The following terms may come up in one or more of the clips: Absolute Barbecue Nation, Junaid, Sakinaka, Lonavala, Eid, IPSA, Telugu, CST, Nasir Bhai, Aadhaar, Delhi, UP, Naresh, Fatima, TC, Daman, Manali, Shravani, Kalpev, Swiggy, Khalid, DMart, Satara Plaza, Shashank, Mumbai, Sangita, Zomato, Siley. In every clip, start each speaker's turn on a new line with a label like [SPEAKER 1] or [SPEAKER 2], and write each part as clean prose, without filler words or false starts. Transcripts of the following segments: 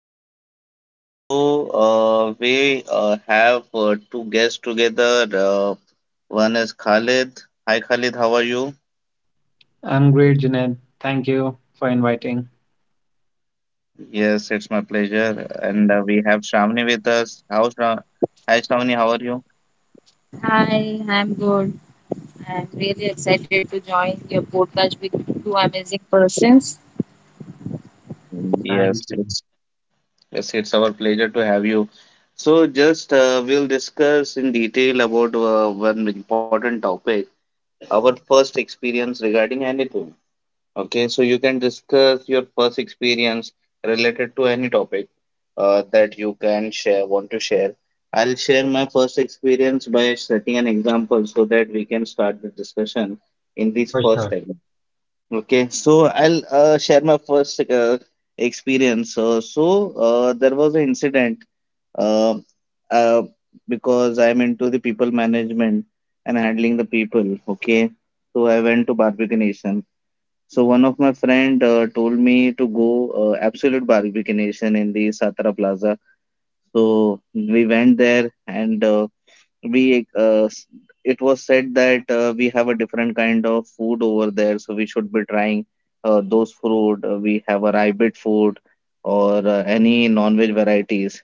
[SPEAKER 1] Junaid. So we have two guests together. One is Khalid. Hi Khalid, how are you?
[SPEAKER 2] I'm great, Junaid. Thank you for inviting.
[SPEAKER 1] Yes, it's my pleasure. And we have Shravani with us. Hi Shravani, how are you?
[SPEAKER 3] Hi, I'm good. I'm really excited to join your podcast with two amazing persons.
[SPEAKER 1] Yes,
[SPEAKER 2] Thank you.
[SPEAKER 1] it's yes, it's our pleasure to have you. So just we'll discuss in detail about one important topic, our first experience regarding anything. Okay, so you can discuss your first experience related to any topic that you can share, want to share. I'll share my first experience by setting an example so that we can start the discussion in this
[SPEAKER 2] For
[SPEAKER 1] first
[SPEAKER 2] sure.
[SPEAKER 1] segment. Okay, so I'll share my first experience. There was an incident uh, uh, because I'm into the people management and handling the people. Okay, so I went to Barbecue Nation so one of my friend told me to go Absolute Barbecue Nation in the Satara Plaza. So we went there and we uh, s- it was said that we have a different kind of food over there so we should be trying those food we have a rabbit food or any non-veg varieties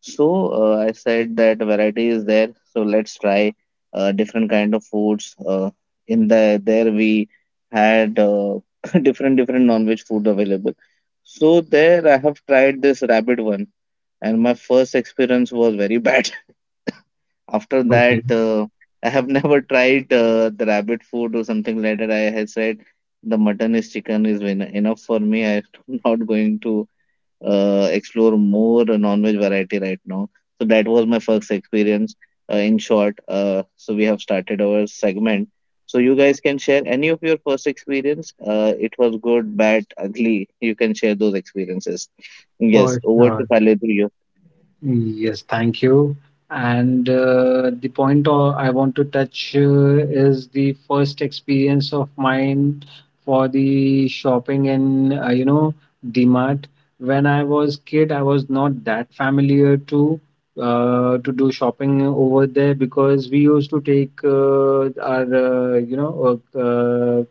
[SPEAKER 1] so I said that variety is there so let's try different kind of foods in the there we had different non-veg food available so there I have tried this rabbit one, and my first experience was very bad. After that,
[SPEAKER 2] Okay.
[SPEAKER 1] I have never tried the rabbit food or something like that. I have said the mutton is chicken is enough for me. I'm not going to explore more non-veg variety right now. So that was my first experience. In short, so we have started our segment. So you guys can share any of your first experience. It was good, bad, ugly. You can share those experiences. Yes,
[SPEAKER 2] For
[SPEAKER 1] over to
[SPEAKER 2] sure.
[SPEAKER 1] Khalid, to you.
[SPEAKER 2] Yes, thank you. And the point I want to touch is the first experience of mine for the shopping in, you know, DMart. When I was kid, I was not that familiar to do shopping over there because we used to take our, you know, uh, uh,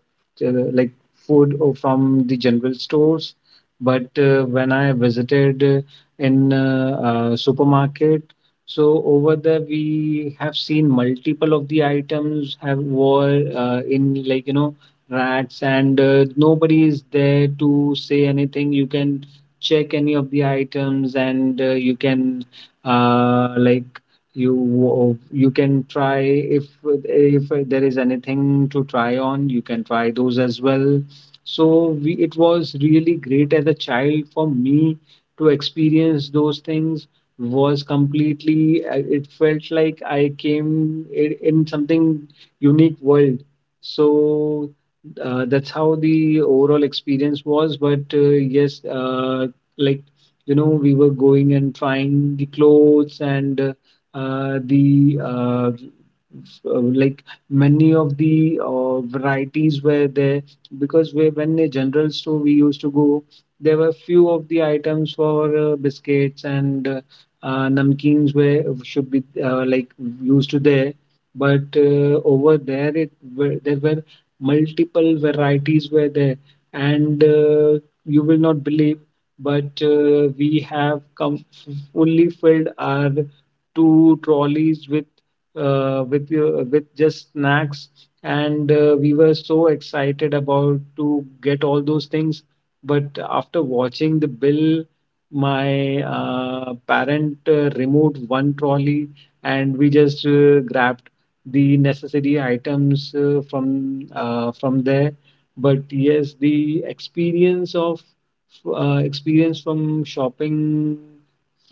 [SPEAKER 2] uh, like food from the general stores. But when I visited in supermarket. So over there, we have seen multiple of the items have were in like you know rats, and nobody is there to say anything. You can check any of the items, and you can like you can try if there is anything to try on, you can try those as well. So it was really great as a child for me to experience those things was completely it felt like I came in something unique world. So that's how the overall experience was, but yes, like you know, we were going and trying the clothes and uh, the uh, like many of the varieties were there, because when a general store we used to go, there were few of the items for biscuits and namkeens were should be like used there, but over there it there were multiple varieties were there, and you will not believe, but we have come fully filled our two trolleys with your with just snacks, and we were so excited about to get all those things, but after watching the bill, my parent removed one trolley, and we just grabbed the necessary items from there. But yes, the experience of experience from shopping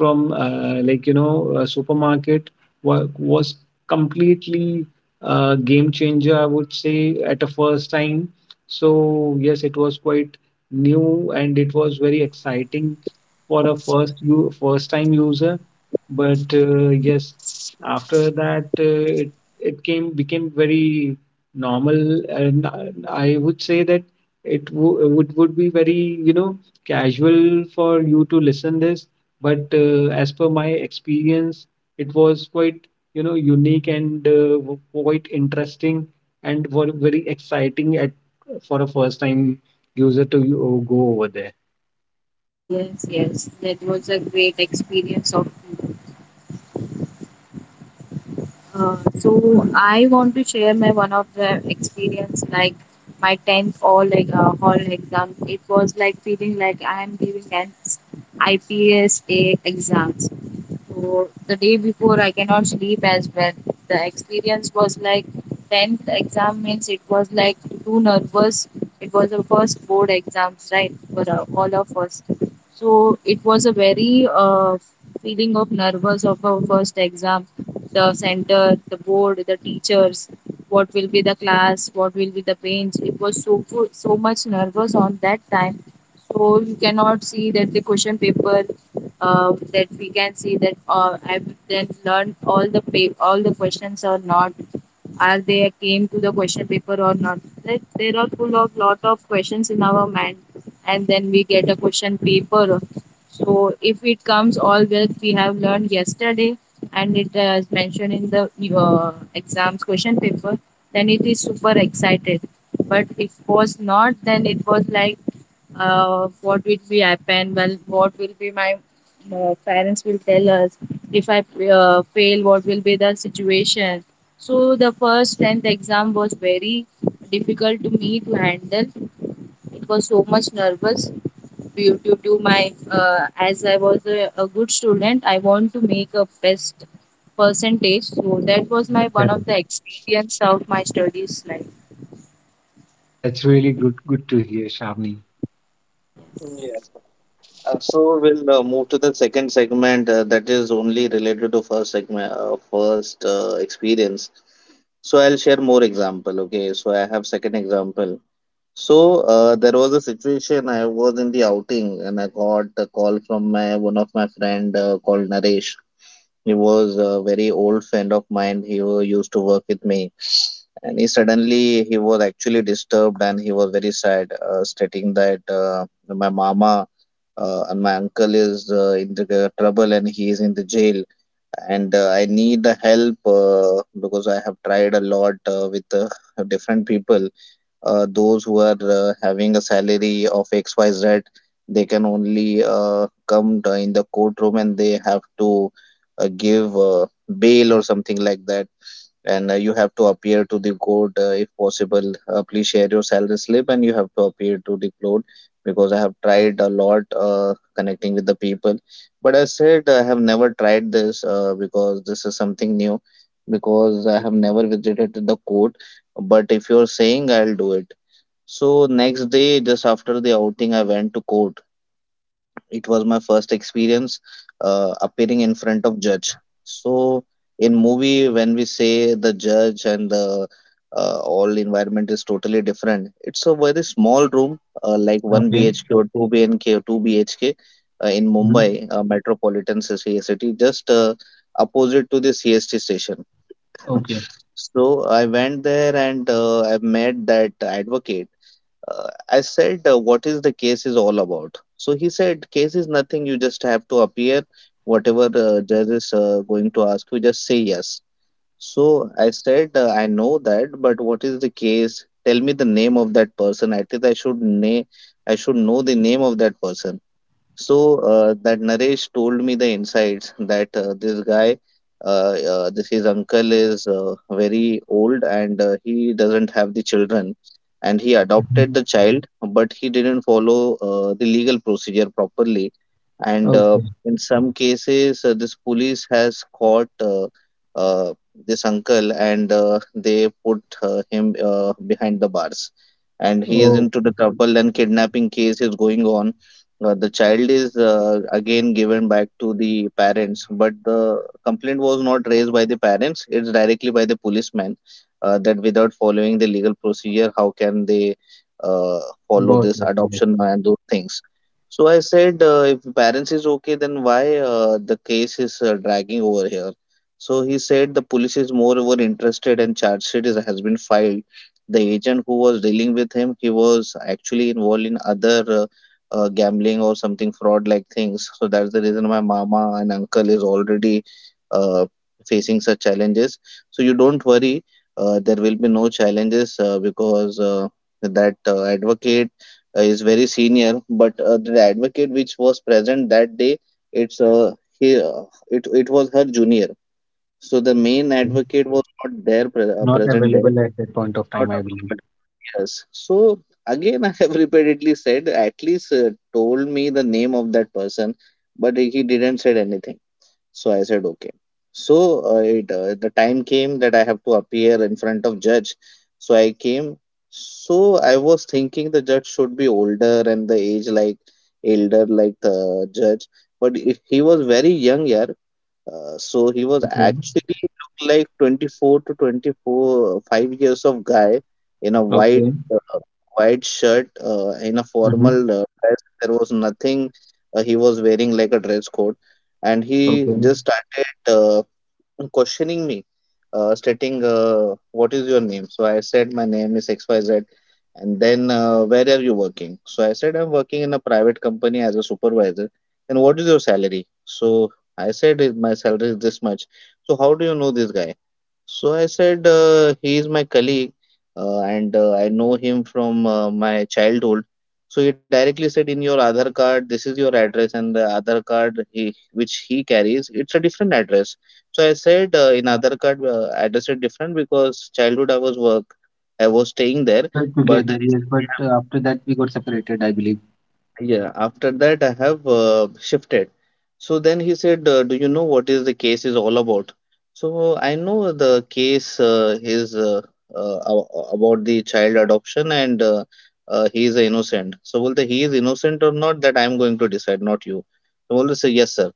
[SPEAKER 2] from like you know a supermarket was completely a game changer, I would say, at a first time. So yes, it was quite new and it was very exciting for a first you first time user, but yes, after that it it came became very normal, and I would say that it would be very you know casual for you to listen this, but as per my experience it was quite you know unique and quite interesting and were very exciting at for a first time user to go over there.
[SPEAKER 3] Yes, yes, that was a great experience of you. So I want to share my one of the experience like my tenth all like hall exam. It was like feeling like I am giving an IPSA exam. So the day before, I cannot sleep as well. The experience was like 10th exam means it was like too nervous. It was the first board exams, right, for all of us. So it was a very feeling of nervous of our first exam. The center, the board, the teachers, what will be the class, what will be the bench. It was so much nervous on that time. So you cannot see that the question paper that we can see that I've then learned all the all the questions or not. Are they came to the question paper or not? Like, there are full of lot of questions in our mind, and then we get a question paper. So if it comes all that we have learned yesterday, and it is mentioned in the exams question paper, then it is super excited. But if was not, then it was like what will be happen? Well, what will be my parents will tell us if I fail, what will be the situation? So the first 10th exam was very difficult to me to handle. It was so much nervous due to my, as I was a good student, I want to make a best percentage. So that was my one
[SPEAKER 2] Yeah.
[SPEAKER 3] of the experience of my studies life.
[SPEAKER 2] That's really good to hear, Shamini.
[SPEAKER 1] Okay. So we'll move to the second segment that is only related to first segment, first experience. So I'll share more example. Okay, so I have second example. So there was a situation I was in the outing and I got a call from my one of my friend called Naresh. He was a very old friend of mine. He used to work with me. And he suddenly he was actually disturbed and he was very sad, stating that my mama and my uncle is in the trouble and he is in the jail, and I need the help because I have tried a lot with different people. Those who are having a salary of XYZ, they can only come in the courtroom and they have to give bail or something like that, and you have to appear to the court if possible. Please share your salary slip and you have to appear to the court because I have tried a lot connecting with the people. But I said I have never tried this because this is something new, because I have never visited the court. But if you're saying, I'll do it. So next day, just after the outing, I went to court. It was my first experience appearing in front of judge. So in movie when we say the judge and the all environment is totally different. It's a very small room like 1
[SPEAKER 2] Okay.
[SPEAKER 1] bhk or 2 bnk or 2 bhk in mumbai,
[SPEAKER 2] Mhm.
[SPEAKER 1] metropolitan ci city, just opposite to the cst station.
[SPEAKER 2] Okay.
[SPEAKER 1] So I went there and I met that advocate. I said, what is the case is all about? So he said, case is nothing. You just have to appear. Whatever judge is going to ask you, just say yes. So I said, I know that, but what is the case? Tell me the name of that person. At least I should name, I should know the name of that person. So that Naresh told me the insights that this his uncle is very old and he doesn't have the children, and he adopted the
[SPEAKER 2] Mhm.
[SPEAKER 1] child, but he didn't follow the legal procedure properly, and
[SPEAKER 2] Okay.
[SPEAKER 1] in some cases this police has caught this uncle and they put him behind the bars, and he is
[SPEAKER 2] Oh,
[SPEAKER 1] into the trouble and kidnapping case is going on. The child is again given back to the parents, but the complaint was not raised by the parents. It's directly by the policeman, that without following the legal procedure how can they uh, follow
[SPEAKER 2] got
[SPEAKER 1] this
[SPEAKER 2] it. Yes.
[SPEAKER 1] adoption and those things. So I said, if parents is okay then why the case is dragging over here. So he said the police is moreover interested and charge sheet has been filed. The agent who was dealing with him, he was actually involved in other gambling or something fraud like things. So that's the reason my mama and uncle is already uh, facing such challenges. So you don't worry, there will be no challenges because that advocate is very senior. But the advocate which was present that day, it's uh, he, uh, it was her junior. So the main
[SPEAKER 2] Okay.
[SPEAKER 1] advocate was not there
[SPEAKER 2] Not
[SPEAKER 1] present there,
[SPEAKER 2] available at that point of
[SPEAKER 1] not
[SPEAKER 2] time, I believe.
[SPEAKER 1] available. Yes. So again, I have repeatedly said, at least told me the name of that person, but he didn't said anything. So I said, okay. So it the time came that I have to appear in front of judge. So I came. So I was thinking the judge should be older and the age like elder like the judge, but if he was very young, yeah. So he was
[SPEAKER 2] Okay.
[SPEAKER 1] actually looked like 24 to 24, 5 years of guy in a white
[SPEAKER 2] Okay.
[SPEAKER 1] white shirt in a
[SPEAKER 2] Hmm.
[SPEAKER 1] formal dress. There was nothing. He was wearing like a dress code, and he
[SPEAKER 2] Okay.
[SPEAKER 1] just started questioning me, stating, "What is your name?" So I said, "My name is XYZ." And then, "Where are you working?" So I said, "I'm working in a private company as a supervisor." "And what is your salary?" So I said, " My salary is this much. "So how do you know this guy?" So I said, he is my colleague and I know him from my childhood. So he directly said, in your Aadhaar card, this is your address, and the Aadhaar card he, which he carries, it's a different address. So I said, in Aadhaar card, address is different because childhood I was work, I was staying there,
[SPEAKER 2] We were
[SPEAKER 1] but
[SPEAKER 2] together, yes,
[SPEAKER 1] recently
[SPEAKER 2] but
[SPEAKER 1] I have.
[SPEAKER 2] after
[SPEAKER 1] uh,
[SPEAKER 2] that we got separated, I believe.
[SPEAKER 1] yeah, after that I have shifted. So then he said, "Do you know what is the case is all about?" So I know the case about the child adoption and he is innocent. So will the he is innocent or not that I am going to decide, not you. So will say yes, sir.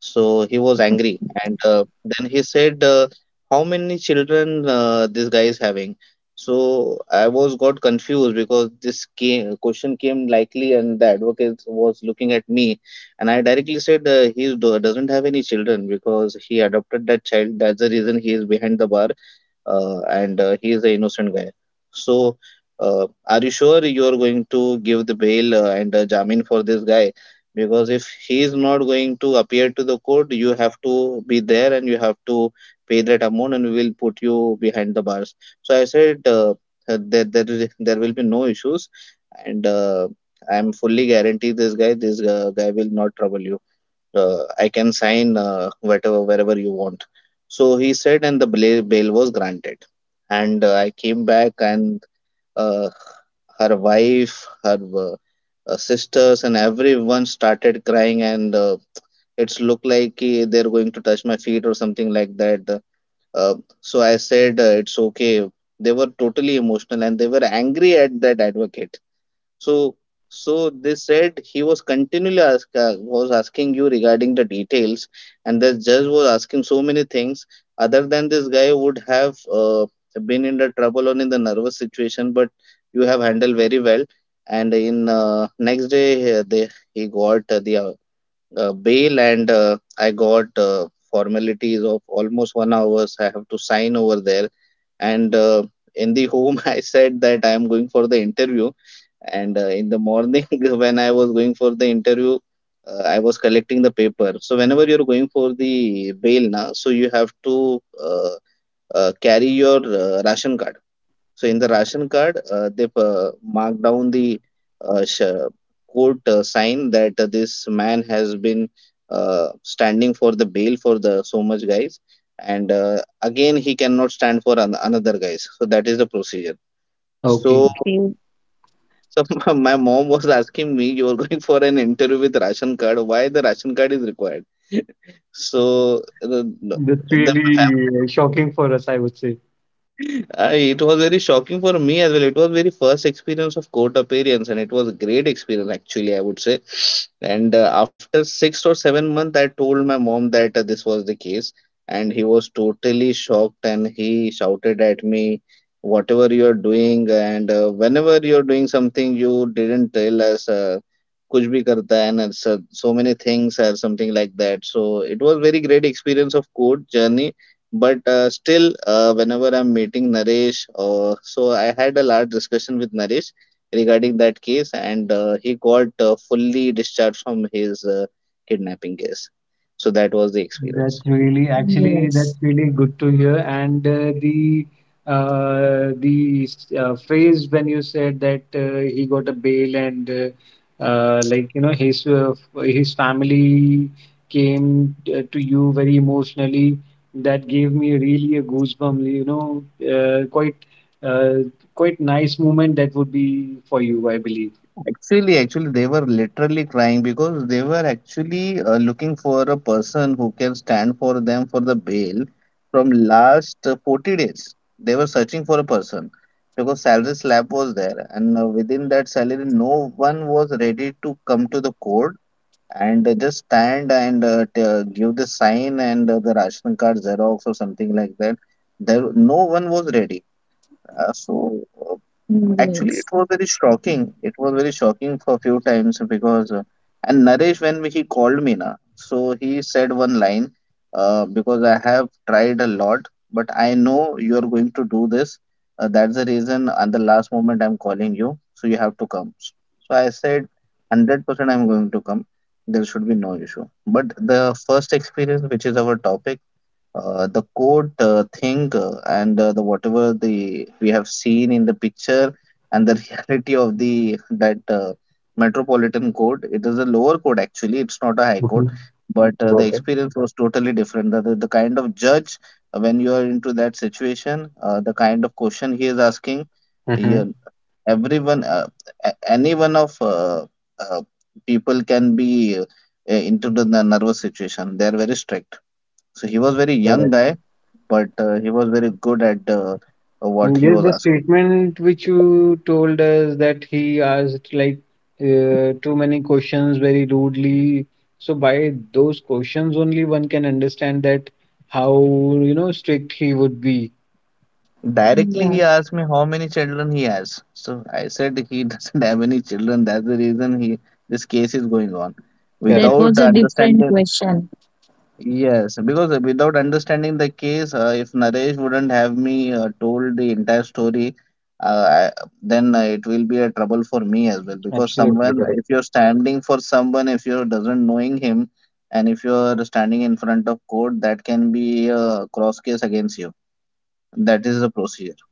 [SPEAKER 1] So he was angry, and then he said, "How many children this guy is having?" So I was got confused because question came likely, and the advocate was looking at me, and I directly said, "He doesn't have any children because he adopted that child. That's the reason he is behind the bar." And he is an innocent guy. So, are you sure you are going to give the bail and jamin for this guy? Because if he is not going to appear to the court, you have to be there and you have to pay that amount, and we will put you behind the bars. So I said that there will be no issues, and I am fully guarantee this guy. This guy will not trouble you. I can sign whatever wherever you want. So he said, and bail was granted. And I came back, and uh, her wife, her sisters, and everyone started crying. And it's looked like eh, they're going to touch my feet or something like that. Uh, so I said, it's okay. They were totally emotional and they were angry at that advocate. So, so they said he was continually ask, was asking you regarding the details, and the judge was asking so many things. Other than this, guy would have been in the trouble or in the nervous situation, but you have handled very well. And in next day, he got the bail, and I got formalities of almost 1 hours. I have to sign over there. And in the home, I said that I am going for the interview. And in the morning, when I was going for the interview, I was collecting the paper. So whenever you're going for the bail na, so you have to carry your ration card. So in the ration card, they've marked down the uh, sh- court sign that this man has been standing for the bail for the so much guys, and again he cannot stand for another guys. So that is the procedure.
[SPEAKER 2] Okay.
[SPEAKER 1] So
[SPEAKER 3] Okay.
[SPEAKER 1] so, my mom was asking me, "You are going for an interview with ration card. Why the ration card is required?" So
[SPEAKER 2] That's
[SPEAKER 1] the my
[SPEAKER 2] really
[SPEAKER 1] family
[SPEAKER 2] shocking for us, I would say.
[SPEAKER 1] I, It was very shocking for me as well. It was very first experience of court appearance, and it was a great experience actually, I would say. And after 6 or 7 months, I told my mom that this was the case, and he was totally shocked, and he shouted at me, "Whatever you are doing, and whenever you are doing something, you didn't tell us." कुछ भी करता है and so many things or something like that. So it was very great experience of court journey, but still, whenever I'm meeting Naresh, so I had a large discussion with Naresh regarding that case. And he got fully discharged from his kidnapping case. So that was the experience.
[SPEAKER 2] That's really, actually, that's really good to hear. And the phrase when you said that he got a bail and like you know his his family came to you very emotionally. That gave me really a goosebump. You know, quite uh, quite nice moment that would be for you, I believe.
[SPEAKER 1] Actually, they were literally crying because they were actually looking for a person who can stand for them for the bail from last 40 days. They were searching for a person because salary slab was there, and within that salary, no one was ready to come to the court and just stand and give the sign and the ration card xerox or something like that. There, no one was ready. Uh, so uh, Actually,
[SPEAKER 3] Yes.
[SPEAKER 1] it was very shocking. It was very shocking for a few times because, and Naresh, when he called me, na, so he said one line, because I have tried a lot, but I know you are going to do this. That's the reason, at the last moment, I'm calling you, so you have to come. So I said, 100% I'm going to come. There should be no issue. But the first experience, which is our topic, the code thing, and the whatever the we have seen in the picture, and the reality of the that metropolitan code, it is a lower code actually, it's not a high code.
[SPEAKER 2] Mhm.
[SPEAKER 1] But the
[SPEAKER 2] Got it.
[SPEAKER 1] experience was totally different. The kind of judge, when you are into that situation, the kind of question he is asking,
[SPEAKER 2] Mm-hmm.
[SPEAKER 1] yeah, everyone, any one of uh, people can be into the nervous situation. They are very strict. So he was very young guy, but he was very good at what
[SPEAKER 2] And
[SPEAKER 1] he
[SPEAKER 2] there's
[SPEAKER 1] was
[SPEAKER 2] the
[SPEAKER 1] asking.
[SPEAKER 2] statement which you told us that he asked like too many questions very rudely. So by those questions only one can understand that how you know strict he would be.
[SPEAKER 1] Directly he
[SPEAKER 3] Yeah.
[SPEAKER 1] asked me how many children he has. So I said he doesn't have any children. That's the reason he this case is going on.
[SPEAKER 3] That
[SPEAKER 2] Correct.
[SPEAKER 1] Without
[SPEAKER 3] was a different
[SPEAKER 1] understanding.
[SPEAKER 3] question.
[SPEAKER 1] Yes, because without understanding the case, if Naresh wouldn't have me told the entire story, then it will be a trouble for me as well. Because
[SPEAKER 2] Absolutely
[SPEAKER 1] someone,
[SPEAKER 2] correct.
[SPEAKER 1] if you're standing for someone, if you doesn't knowing him, and if you're standing in front of court, that can be a cross case against you. That is the procedure.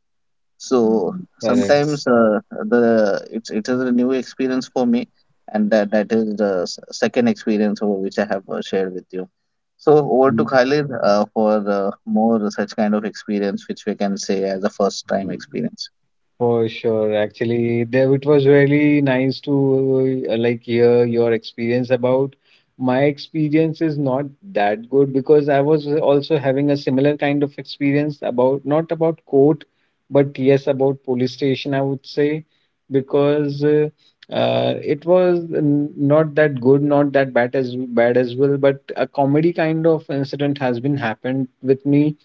[SPEAKER 1] So
[SPEAKER 2] Correct.
[SPEAKER 1] sometimes the it's it is a new experience for me, and that is the second experience over which I have shared with you. So over to Khalid, for more such kind of experience, which we can say as a first time
[SPEAKER 2] Mm.
[SPEAKER 1] experience.
[SPEAKER 2] For sure, actually, there it was really nice to like hear your experience about. My experience is not that good, because I was also having a similar kind of experience about not about court, but yes, about police station, I would say, because it was not that good, not that bad as well, but a comedy kind of incident has been happened with me.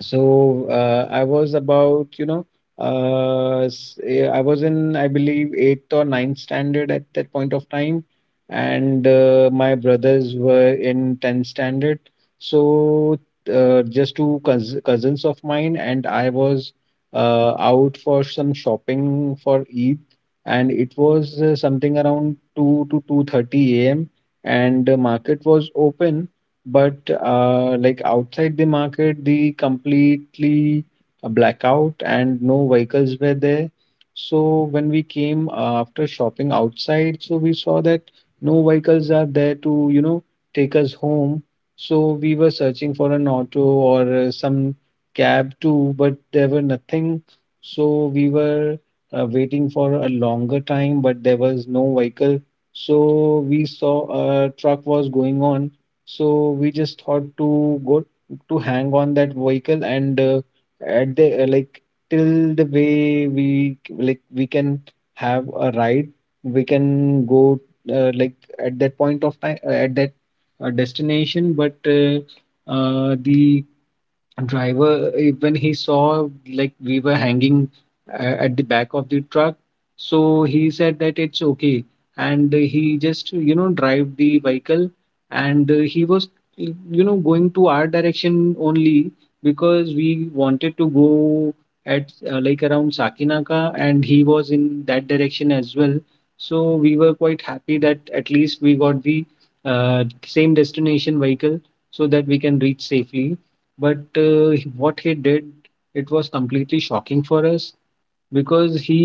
[SPEAKER 2] So I was about, you know, I was in, I believe, eighth or ninth standard at that point of time, and my brothers were in 10th standard. So just two cousins of mine, and I was out for some shopping for Eid, and it was something around 2 to 2:30 a.m. and the market was open, but like outside the market, the completely a blackout and no vehicles were there. So when we came after shopping outside, so we saw that no vehicles are there to, you know, take us home. So we were searching for an auto or some cab too, but there were nothing. So we were waiting for a longer time, but there was no vehicle. So we saw a truck was going on, so we just thought to go to hang on that vehicle, and at the like till the way like we can have a ride, we can go like at that point of time at that destination. But the driver when he saw like we were hanging at the back of the truck, so he said that it's okay, and he just you know drive the vehicle, and he was you know going to our direction only, because we wanted to go at like around Sakinaka, and he was in that direction as well. So we were quite happy that at least we got the same destination vehicle, so that we can reach safely. But what he did, it was completely shocking for us, because he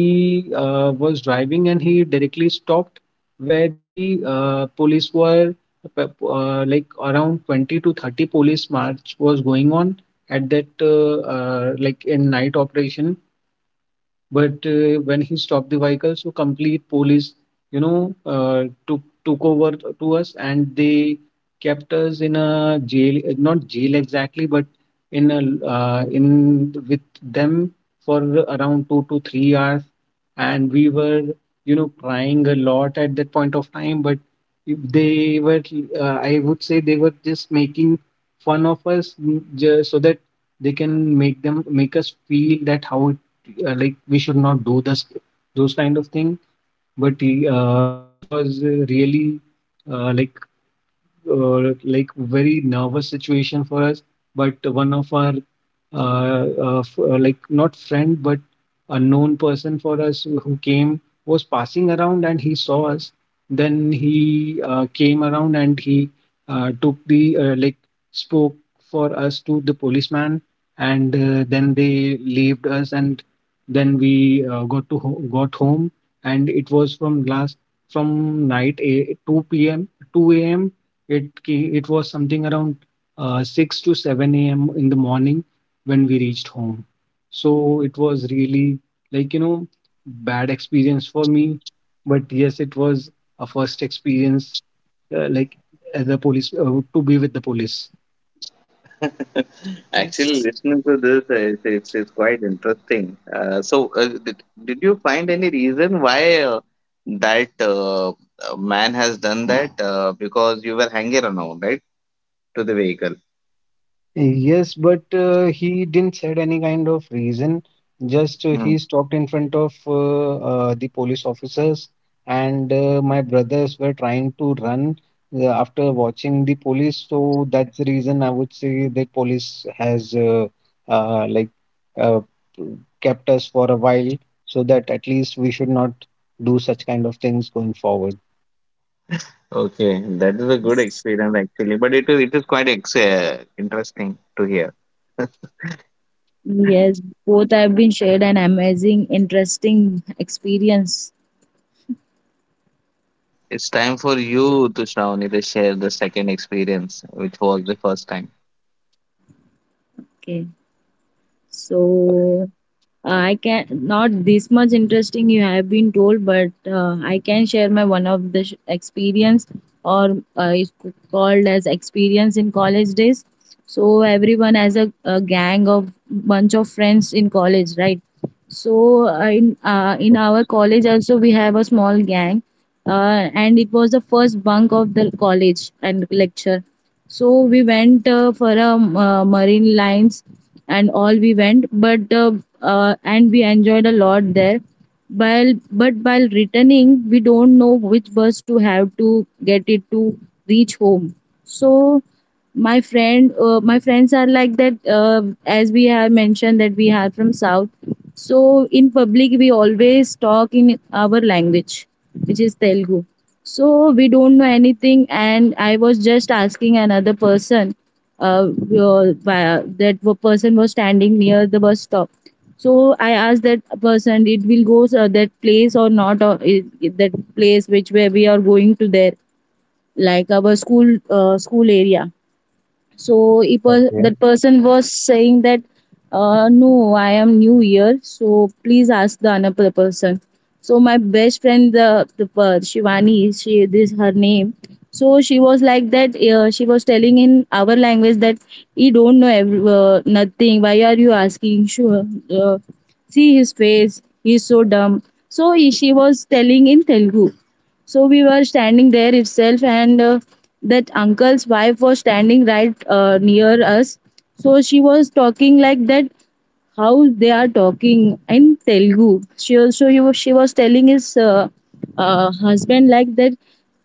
[SPEAKER 2] was driving and he directly stopped where the police were, like around 20 to 30 police march was going on at that like in night operation. But when he stopped the vehicle, so complete police, you know, took over to us, and they kept us in a jail, not jail exactly, but in a in with them for around 2 to 3 hours, and we were, you know, crying a lot at that point of time. But if they were, I would say they were just making fun of us, so that they can make them make us feel that how it like we should not do this, those kind of thing. But it was really uh, like like very nervous situation for us. But one of our like not friend but a known person for us who came was passing around, and he saw us. Then he came around and he took the like spoke for us to the policeman, and then they leaved us, and then we got to got home. And it was from last from night 2 a.m, it was something around 6 to 7 a.m in the morning when we reached home. So it was really like, you know, bad experience for me. But yes, it was a first experience, like as a police to be with the police.
[SPEAKER 1] Actually, listening to this, it's quite interesting. So, did you find any reason why that man has done that? Because you were hanging around, right, to the vehicle.
[SPEAKER 2] Yes, but he didn't said any kind of reason. Just
[SPEAKER 1] Hmm.
[SPEAKER 2] he stopped in front of the police officers, and my brothers were trying to run after watching the police. So that's the reason I would say the police has like uh, kept us for a while, so that at least we should not do such kind of things going forward.
[SPEAKER 1] Okay, that is a good
[SPEAKER 3] Yes.
[SPEAKER 1] experience actually, but it is quite ex interesting to hear.
[SPEAKER 3] Yes, both have been shared an amazing, interesting experience.
[SPEAKER 1] It's time for you to Shravani to share the second experience, which was the first time.
[SPEAKER 3] Okay, so I can not this much interesting you have been told, but I can share my one of the experience, or it's called as experience in college days. So everyone has a gang of bunch of friends in college, right? So in
[SPEAKER 2] Correct.
[SPEAKER 3] our college also we have a small gang, and it was the first bunk of the college and lecture. So we went for a marine lines and all we went, but and we enjoyed a lot there. While, but while returning, we don't know which bus to have to get it to reach home. So my friend, my friends are like that. As we have mentioned that we are from south, so in public we always talk in our language, which is Telugu. So we don't know anything, and I was just asking another person. That person was standing near the bus stop. So I asked that person, "It will go that place or not? Or that place which where we are going to there, like our school area." So if per-
[SPEAKER 2] Okay.
[SPEAKER 3] that person was saying that, "No, I am new here, so please ask the another person." So my best friend, Shivani, she, this her name. So she was like that, she was telling in our language that, "He don't know every, nothing. Why are you asking, sure? uh, See his face, he's so dumb." So she was telling in Telugu. So we were standing there itself, and that uncle's wife was standing right near us. So she was talking like that, how they are talking in Telugu. She also she was telling his husband like that,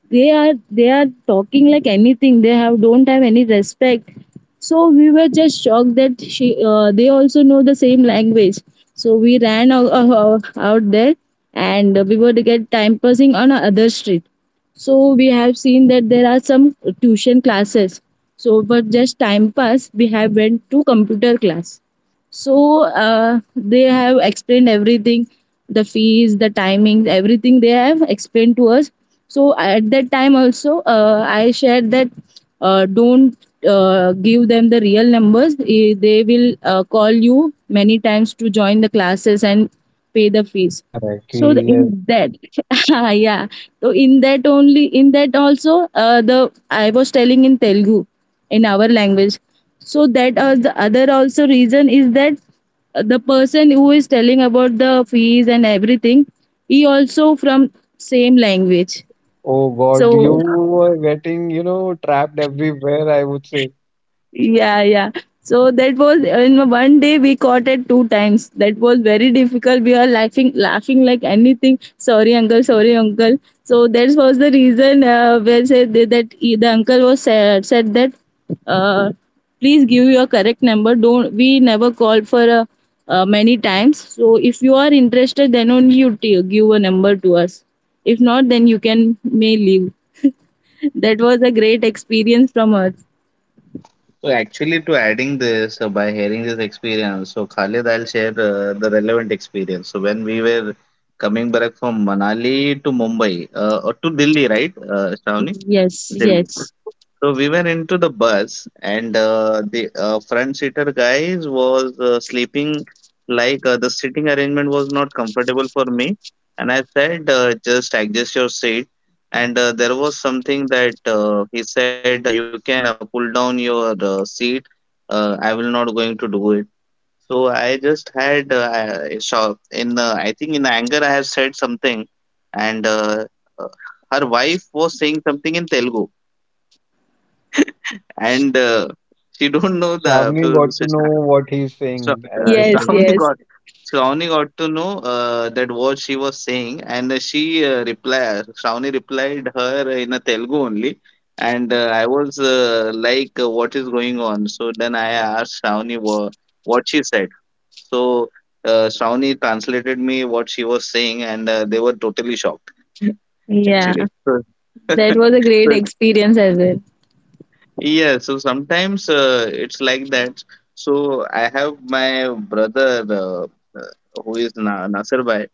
[SPEAKER 3] They are talking like anything. They have don't have any respect." So we were just shocked that she they also know the same language. So we ran out, out there, and we were to get time passing on a other street. So we have seen that there are some tuition classes. So for just time pass, we have went to computer class. So they have explained everything, the fees, the timings, everything they have explained to us. So at that time also, I shared that, "Don't give them the real numbers. Eh, they will call you many times to join the classes and pay the fees."
[SPEAKER 2] Correct.
[SPEAKER 3] So
[SPEAKER 2] Yes.
[SPEAKER 3] in that, ah, yeah, so in that only, in that also, the I was telling in Telugu, in our language. So that the other also reason is that the person who is telling about the fees and everything, he also from same language.
[SPEAKER 2] Oh
[SPEAKER 3] So
[SPEAKER 2] God, you were getting, you know, trapped everywhere, I would say.
[SPEAKER 3] yeah, yeah. So that was, in one day we caught it two times. That was very difficult. We are laughing, laughing like anything. Sorry, uncle. Sorry, uncle. So that was the reason where said that that he- the uncle was said that, uh, "Please give your correct number. Don't, we never called for many times. So if you are interested, then only you give a number to us. If not, then you can may leave." That was a great experience from us.
[SPEAKER 1] So actually, to adding this, by hearing this experience, so Khalid, I'll share the relevant experience. So when we were coming back from Manali to Mumbai, or to Delhi, right, Shravani?
[SPEAKER 3] Yes,
[SPEAKER 1] Delhi.
[SPEAKER 3] yes.
[SPEAKER 1] So we were into the bus, and the front seater guys was sleeping. Like the sitting arrangement was not comfortable for me, and I said, "Just adjust your seat." And there was something that he said, "You can pull down your seat. I will not going to do it." So I just had shock in, I think in anger I have said something, and uh, her wife was saying something in Telugu, and she don't know the
[SPEAKER 2] Shavni got to
[SPEAKER 1] pronunciation.
[SPEAKER 2] know what he's
[SPEAKER 1] Shra-
[SPEAKER 2] saying, I
[SPEAKER 1] uh,
[SPEAKER 2] would
[SPEAKER 3] Yes,
[SPEAKER 2] say.
[SPEAKER 1] Shravani
[SPEAKER 3] yes.
[SPEAKER 1] got Shravani got to know that what she was saying, and she replied. Shravani replied her in a Telugu only, and I was like, "What is going on?" So then I asked Shravani what she said. So Shravani translated me what she was saying, and they were totally shocked
[SPEAKER 3] Yeah.
[SPEAKER 1] actually. So,
[SPEAKER 3] That was a great experience as well.
[SPEAKER 1] yeah, so sometimes it's like that. So I have my brother who is Na Nasir Bhai,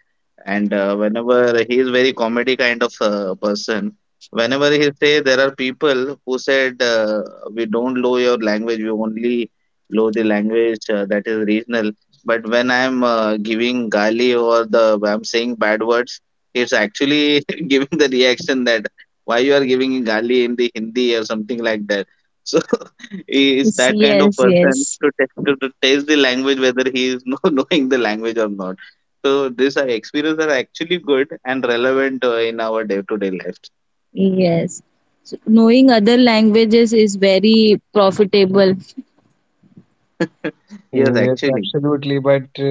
[SPEAKER 1] and whenever he is very comedy kind of person, whenever he say there are people who said, "We don't know your language, we only know the language that is regional." But when I'm giving gali or the I'm saying bad words, he's actually giving the reaction that why you are giving gali in the Hindi or something like that. So he is
[SPEAKER 3] Yes,
[SPEAKER 1] that kind of
[SPEAKER 3] yes,
[SPEAKER 1] person
[SPEAKER 3] yes.
[SPEAKER 1] to, to test the language whether he is know, knowing the language or not. So these are experiences are actually good and relevant in our day-to-day lives.
[SPEAKER 3] Yes. So knowing other languages is very profitable.
[SPEAKER 1] Yes,
[SPEAKER 2] Yes,
[SPEAKER 1] actually.
[SPEAKER 2] absolutely. But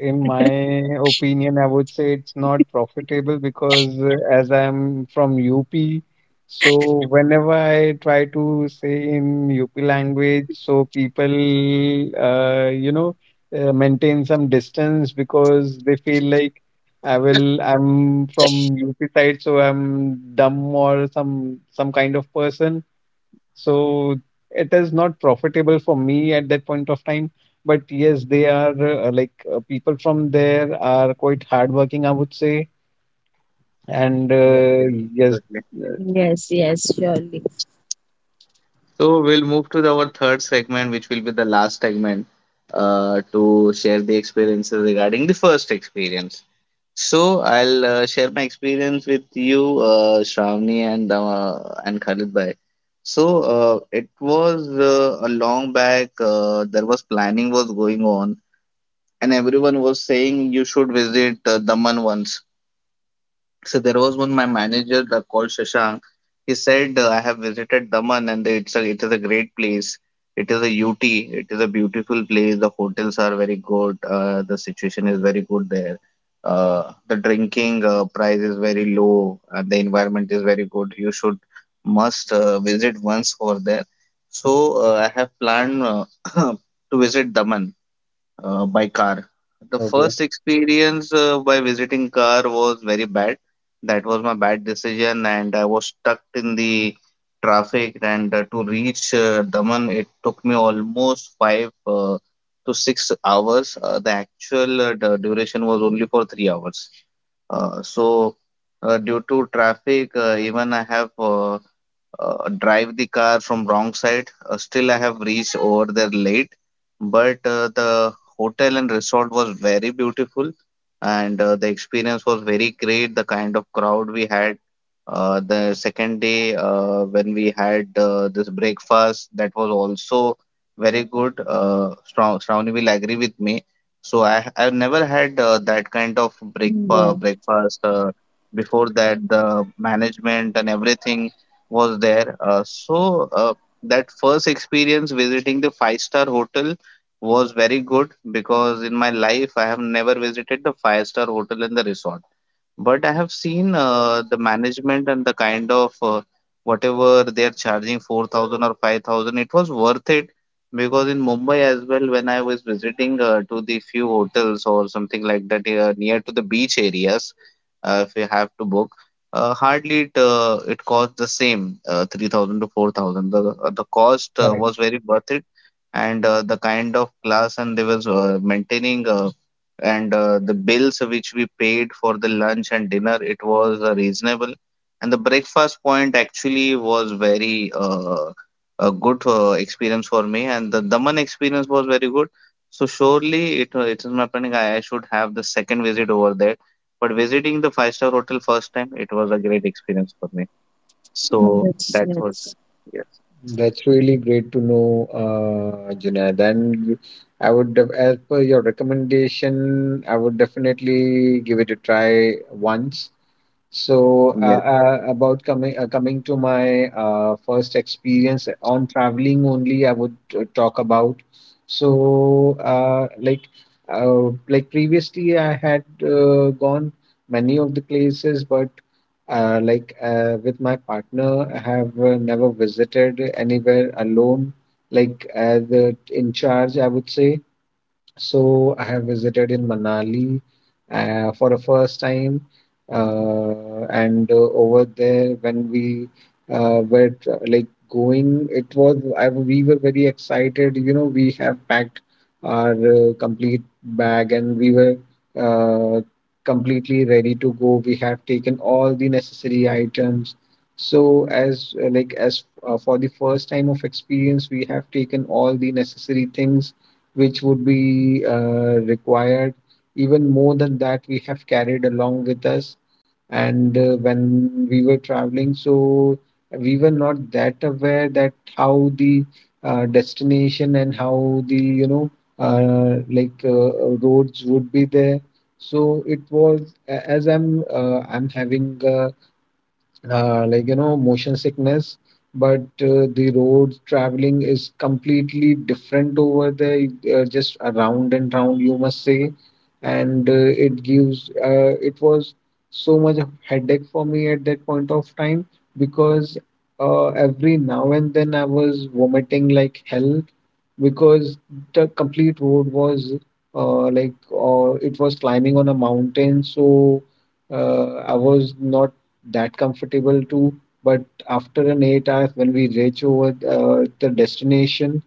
[SPEAKER 2] in my opinion, I would say it's not profitable because as I'm from UP, so whenever I try to say in UP language, so people, you know, maintain some distance because they feel like I'm from UP side, so I'm dumb or some kind of person. So it is not profitable for me at that point of time. But yes, they are like people from there are quite hardworking, I would say. And
[SPEAKER 1] Yes, yes,
[SPEAKER 2] yes,
[SPEAKER 1] absolutely.
[SPEAKER 2] uh,
[SPEAKER 3] Yes, yes, surely.
[SPEAKER 1] So we'll move to our third segment, which will be the last segment, to share the experiences regarding the first experience. So I'll share my experience with you, Shravani, and Khalid bhai. So it was a long back. There was planning was going on, and everyone was saying you should visit Daman once. So there was one my manager called Shashank. He said, "I have visited Daman, and it is a great place. It is a UT. It is a beautiful place. The hotels are very good. The situation is very good there. The drinking price is very low, and the environment is very good. You should must visit once over there." So I have planned to visit Daman by car. The
[SPEAKER 2] okay,
[SPEAKER 1] first experience by visiting car was very bad. That was my bad decision, and I was stuck in the traffic. And to reach Daman, it took me almost 5 to 6 hours. The actual duration was only for 3 hours. So, due to traffic, even I have drive the car from wrong side. Still, I have reached over there late, but the hotel and resort was very beautiful, and the experience was very great. The kind of crowd we had. The second day, when we had this breakfast, that was also very good. Shravani will agree with me. So I've never had that kind of
[SPEAKER 3] Yes,
[SPEAKER 1] breakfast. Before that, the management and everything was there. That first experience visiting the five-star hotel was very good because in my life I have never visited the five-star hotel in the resort. But I have seen the management and the kind of whatever they are charging 4,000 or 5,000, it was worth it because in Mumbai as well, when I was visiting to the few hotels or something like that near to the beach areas, if you have to book, hardly it cost the same 3,000 to 4,000. The cost
[SPEAKER 2] correct.
[SPEAKER 1] was very worth it, and the kind of class and they was maintaining, and the bills which we paid for the lunch and dinner, it was reasonable, and the breakfast point actually was very, a good experience for me. And the Daman experience was very good. So surely it is my planning, I should have the second visit over there. But visiting the five-star hotel first time, it was a great experience for me. So
[SPEAKER 3] yes,
[SPEAKER 1] that was.
[SPEAKER 3] yes.
[SPEAKER 1] Yes,
[SPEAKER 2] That's really great to know, Junaid. I would, as per your recommendation, I would definitely give it a try once. So,
[SPEAKER 1] yes.
[SPEAKER 2] about coming to my first experience on traveling only, I would talk about. So, like previously, I had gone many of the places, but like with my partner, I have never visited anywhere alone. Like as the in charge, I would say. So I have visited in Manali for the first time, and over there when we like going, we were very excited. We have packed our complete bag, and we were uh, completely ready to go. We have taken all the necessary items. So as like as for the first time of experience, we have taken all the necessary things which would be required. Even more than that we have carried along with us. And when we were traveling, so we were not that aware that how the destination and how the roads would be there. So it was as I'm having a motion sickness, but the road traveling is completely different over there, just around and round, you must say. And it was so much of headache for me at that point of time, because every now and then I was vomiting like hell, because the complete road was it was climbing on a mountain. So I was not that comfortable too. But after an 8 hours, when we reach over the destination,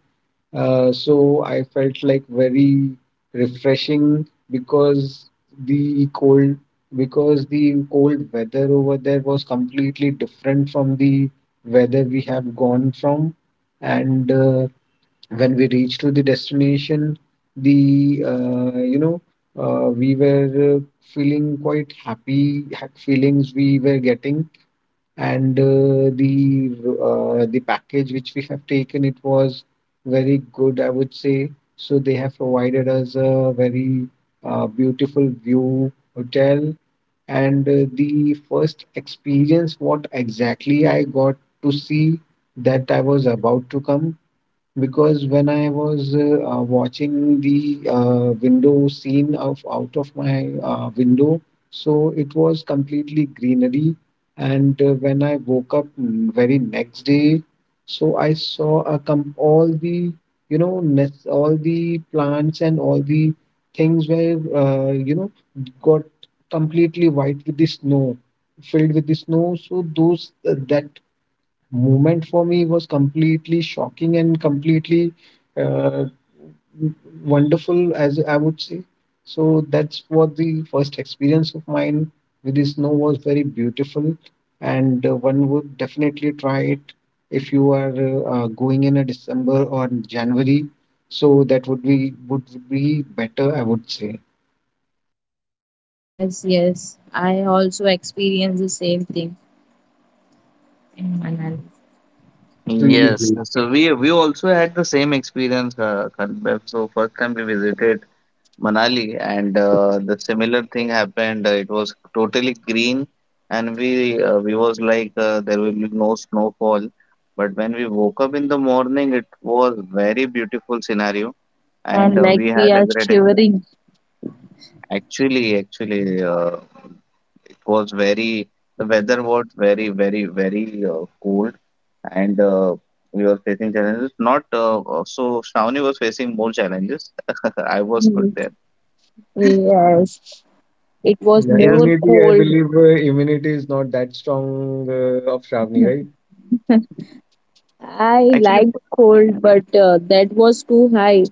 [SPEAKER 2] so I felt like very refreshing, because the cold the cold weather over there was completely different from the weather we have gone from. And when we reached to the destination, the we were feeling quite happy feelings we were getting. And the package which we have taken, it was very good, I would say. So they have provided us a very beautiful view hotel. And the first experience what exactly I got to see, that I was about to come, because when I was watching the window scene of out of my window, so it was completely greenery. And when I woke up, very next day, so I saw a com all the you know nes all the plants and all the things were got completely white with the snow, filled with the snow. So those that moment for me was completely shocking and completely uh, wonderful, as I would say. So that's what the first experience of mine with the snow was very beautiful, and one would definitely try it if you are going in a December or January. So that would be better, I would say.
[SPEAKER 3] Yes, yes. I also experienced the same thing in Manali.
[SPEAKER 2] That's really
[SPEAKER 1] Yes,
[SPEAKER 2] great.
[SPEAKER 1] so we also had the same experience, Kalpev. So first time we visited Manali, and the similar thing happened. It was totally green, and we was like there will be no snowfall. But when we woke up in the morning, it was very beautiful scenario, and
[SPEAKER 3] And like
[SPEAKER 1] we
[SPEAKER 3] we
[SPEAKER 1] had a
[SPEAKER 3] are
[SPEAKER 1] great experience.
[SPEAKER 3] shivering.
[SPEAKER 1] Actually, it was very the weather was very, very, very cold, and we were facing challenges. Not so Shravani was facing more challenges. I was good there.
[SPEAKER 3] Mhm. Yes. It was
[SPEAKER 2] Yeah,
[SPEAKER 1] Yes,
[SPEAKER 3] more
[SPEAKER 2] immunity, I
[SPEAKER 3] cold.
[SPEAKER 2] believe immunity is not that strong of Shravani, right?
[SPEAKER 3] I
[SPEAKER 1] actually
[SPEAKER 3] like cold, but that was too high.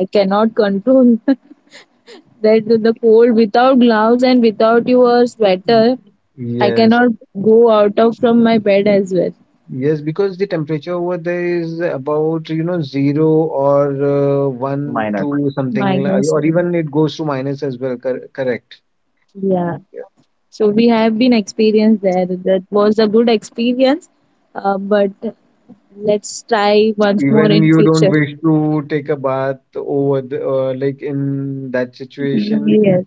[SPEAKER 3] I cannot control that, the cold without gloves and without your sweater. I
[SPEAKER 2] Yes,
[SPEAKER 3] cannot go out of from my bed as well.
[SPEAKER 2] yes, because the temperature over there is about, you know, zero or one,
[SPEAKER 1] minor.
[SPEAKER 2] two, something,
[SPEAKER 3] Minus,
[SPEAKER 2] or
[SPEAKER 3] seven.
[SPEAKER 2] even it goes to minus as well. Correct.
[SPEAKER 3] Yeah. So we have been experienced there. That was a good experience, but let's try once more
[SPEAKER 2] Even
[SPEAKER 3] in
[SPEAKER 2] you don't
[SPEAKER 3] future.
[SPEAKER 2] wish to take a bath over the, like in that situation.
[SPEAKER 3] Yes,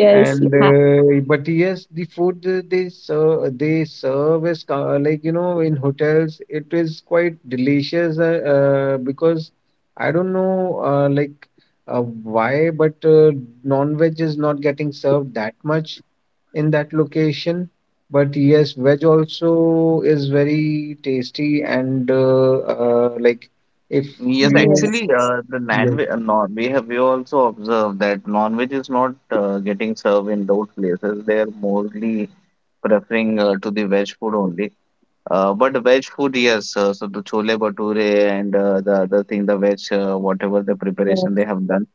[SPEAKER 3] yes,
[SPEAKER 2] And
[SPEAKER 3] ha-
[SPEAKER 2] but yes, the food they serve like, you know, in hotels it is quite delicious, because I don't know why, but non-veg is not getting served that much in that location. But yes, veg also is very tasty, and like if
[SPEAKER 1] Yes,
[SPEAKER 2] you
[SPEAKER 3] yes,
[SPEAKER 1] actually,
[SPEAKER 3] yes,
[SPEAKER 1] the
[SPEAKER 2] yeah.
[SPEAKER 1] non-veg, non we also observed that non-veg is not getting served in those places. They are mostly preferring to the veg food only. But veg food, yes. So the chole bhature and the other thing, the veg, whatever the preparation they
[SPEAKER 3] yes,
[SPEAKER 1] have done.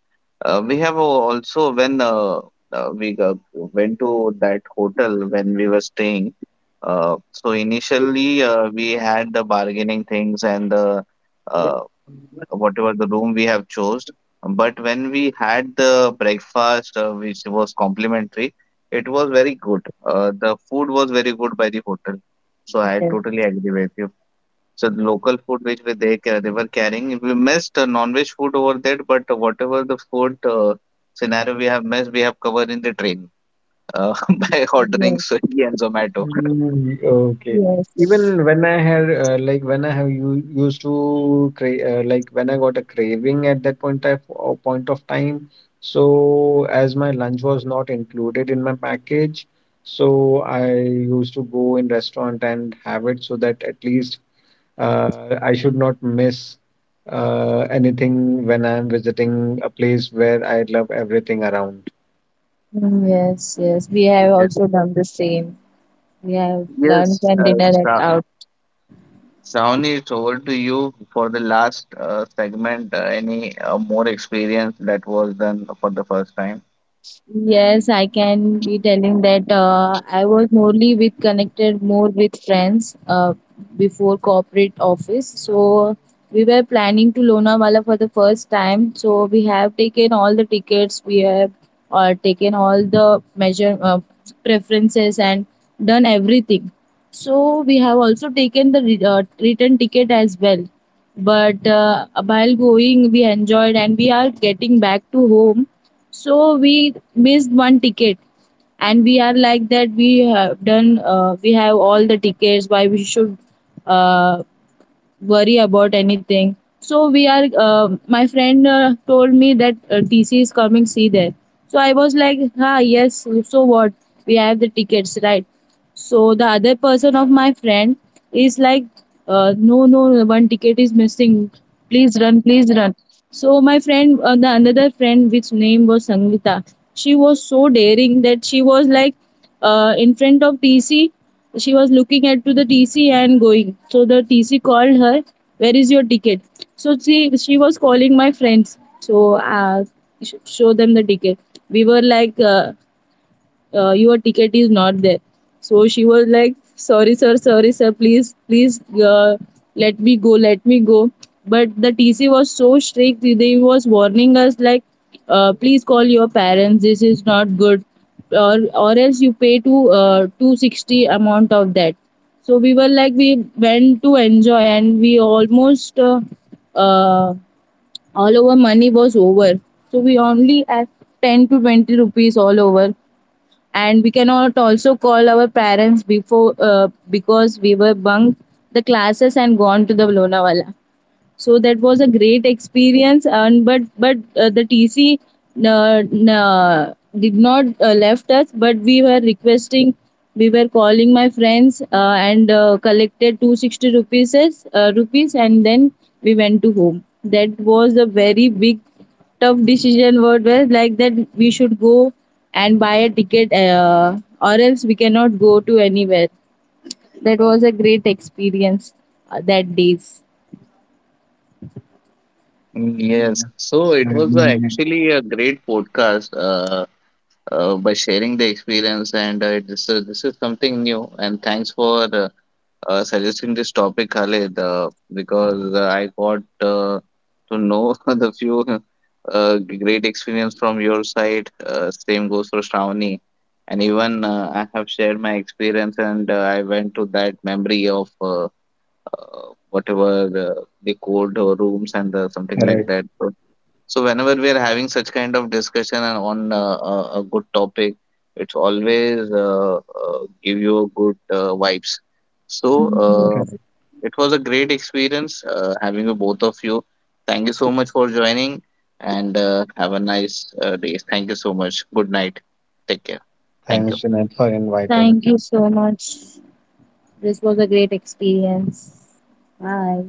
[SPEAKER 1] We have also when went to that hotel when we were staying. So initially, we had the bargaining things and the uh, whatever the room we have chose. But when we had the breakfast, which was complimentary, it was very good. The food was very good by the hotel. So I
[SPEAKER 3] yes,
[SPEAKER 1] totally agree with you. So the local food which we they they were carrying, we missed non-veg food over there. But whatever the food scenario we have missed, we have covered in the train uh, by ordering
[SPEAKER 3] yes,
[SPEAKER 1] Swiggy and Zomato.
[SPEAKER 2] Mm, okay.
[SPEAKER 3] yes.
[SPEAKER 2] Even when I had like when I have you used to cra- like when I got a craving at that point of time, so as my lunch was not included in my package, so I used to go in restaurant and have it, so that at least I should not miss anything when I'm visiting a place where I love everything around.
[SPEAKER 3] Mm, yes, yes. We have
[SPEAKER 1] Yes,
[SPEAKER 3] also done the same. We have lunch
[SPEAKER 1] yes,
[SPEAKER 3] and dinner at out.
[SPEAKER 1] Shawnee, it's over to you for the last segment. Any more experience that was done for the first time?
[SPEAKER 3] Yes, I can be telling that, I was morely with connected more with friends before corporate office. So we were planning to Lonavala for the first time. So we have taken all the tickets. We have taken all the measure preferences and done everything. So we have also taken the return ticket as well. But while going, we enjoyed, and we are getting back to home, so we missed one ticket. And we are like that, we have done, we have all the tickets, why we should uh, worry about anything. So we are. My friend told me that, "TC is coming. See there." So I was like, ah, yes. So what? We have the tickets, right? So the other person of my friend is like, "No, no, no, one ticket is missing. Please run, please run." So my friend, the another friend, which name was Sangita, she was so daring that she was like, in front of TC, she was looking at to the TC and going. So the TC called her, "Where is your ticket?" So she was calling my friends. So uh, show them the ticket. We were like, "Your ticket is not there." So she was like, "Sorry, sir, sorry, sir, please please, let me go, let me go." But the TC was so strict, they was warning us like, "Please call your parents, this is not good, or else you pay to 260 amount of that." So we were like, we went to enjoy and we almost, uh, all our money was over, so we only had 10 to 20 rupees all over. And we cannot also call our parents before, because we were bunked the classes and gone to the Lonavala. So that was a great experience. And but the TC did not left us, but we were requesting, we were calling my friends, and collected 260 rupees, rupees, and then we went to home. That was a very big tough decision, what was like that, we should go and buy a ticket or else we cannot go to anywhere. That was a great experience that days.
[SPEAKER 1] Mm, yes,
[SPEAKER 2] Mm,
[SPEAKER 1] so
[SPEAKER 2] so,
[SPEAKER 1] it was
[SPEAKER 2] mm,
[SPEAKER 1] actually a great podcast, by sharing the experience, and this is something new. And thanks for suggesting this topic, Khalid, because I got to know the few great experience from your side. Same goes for Shravani. And even I have shared my experience, and I went to that memory of whatever the code or rooms and something like
[SPEAKER 2] correct.
[SPEAKER 1] that. So whenever we are having such kind of discussion and on a good topic, it's always give you a good vibes. So it was a great experience having you both of you. Thank you so much for joining, and have a nice day. Thank you so much. Good night. Take care. Thank
[SPEAKER 2] Thanks,
[SPEAKER 1] you.
[SPEAKER 2] Junaid, for inviting.
[SPEAKER 3] Thank you so much. This was a great experience. Bye.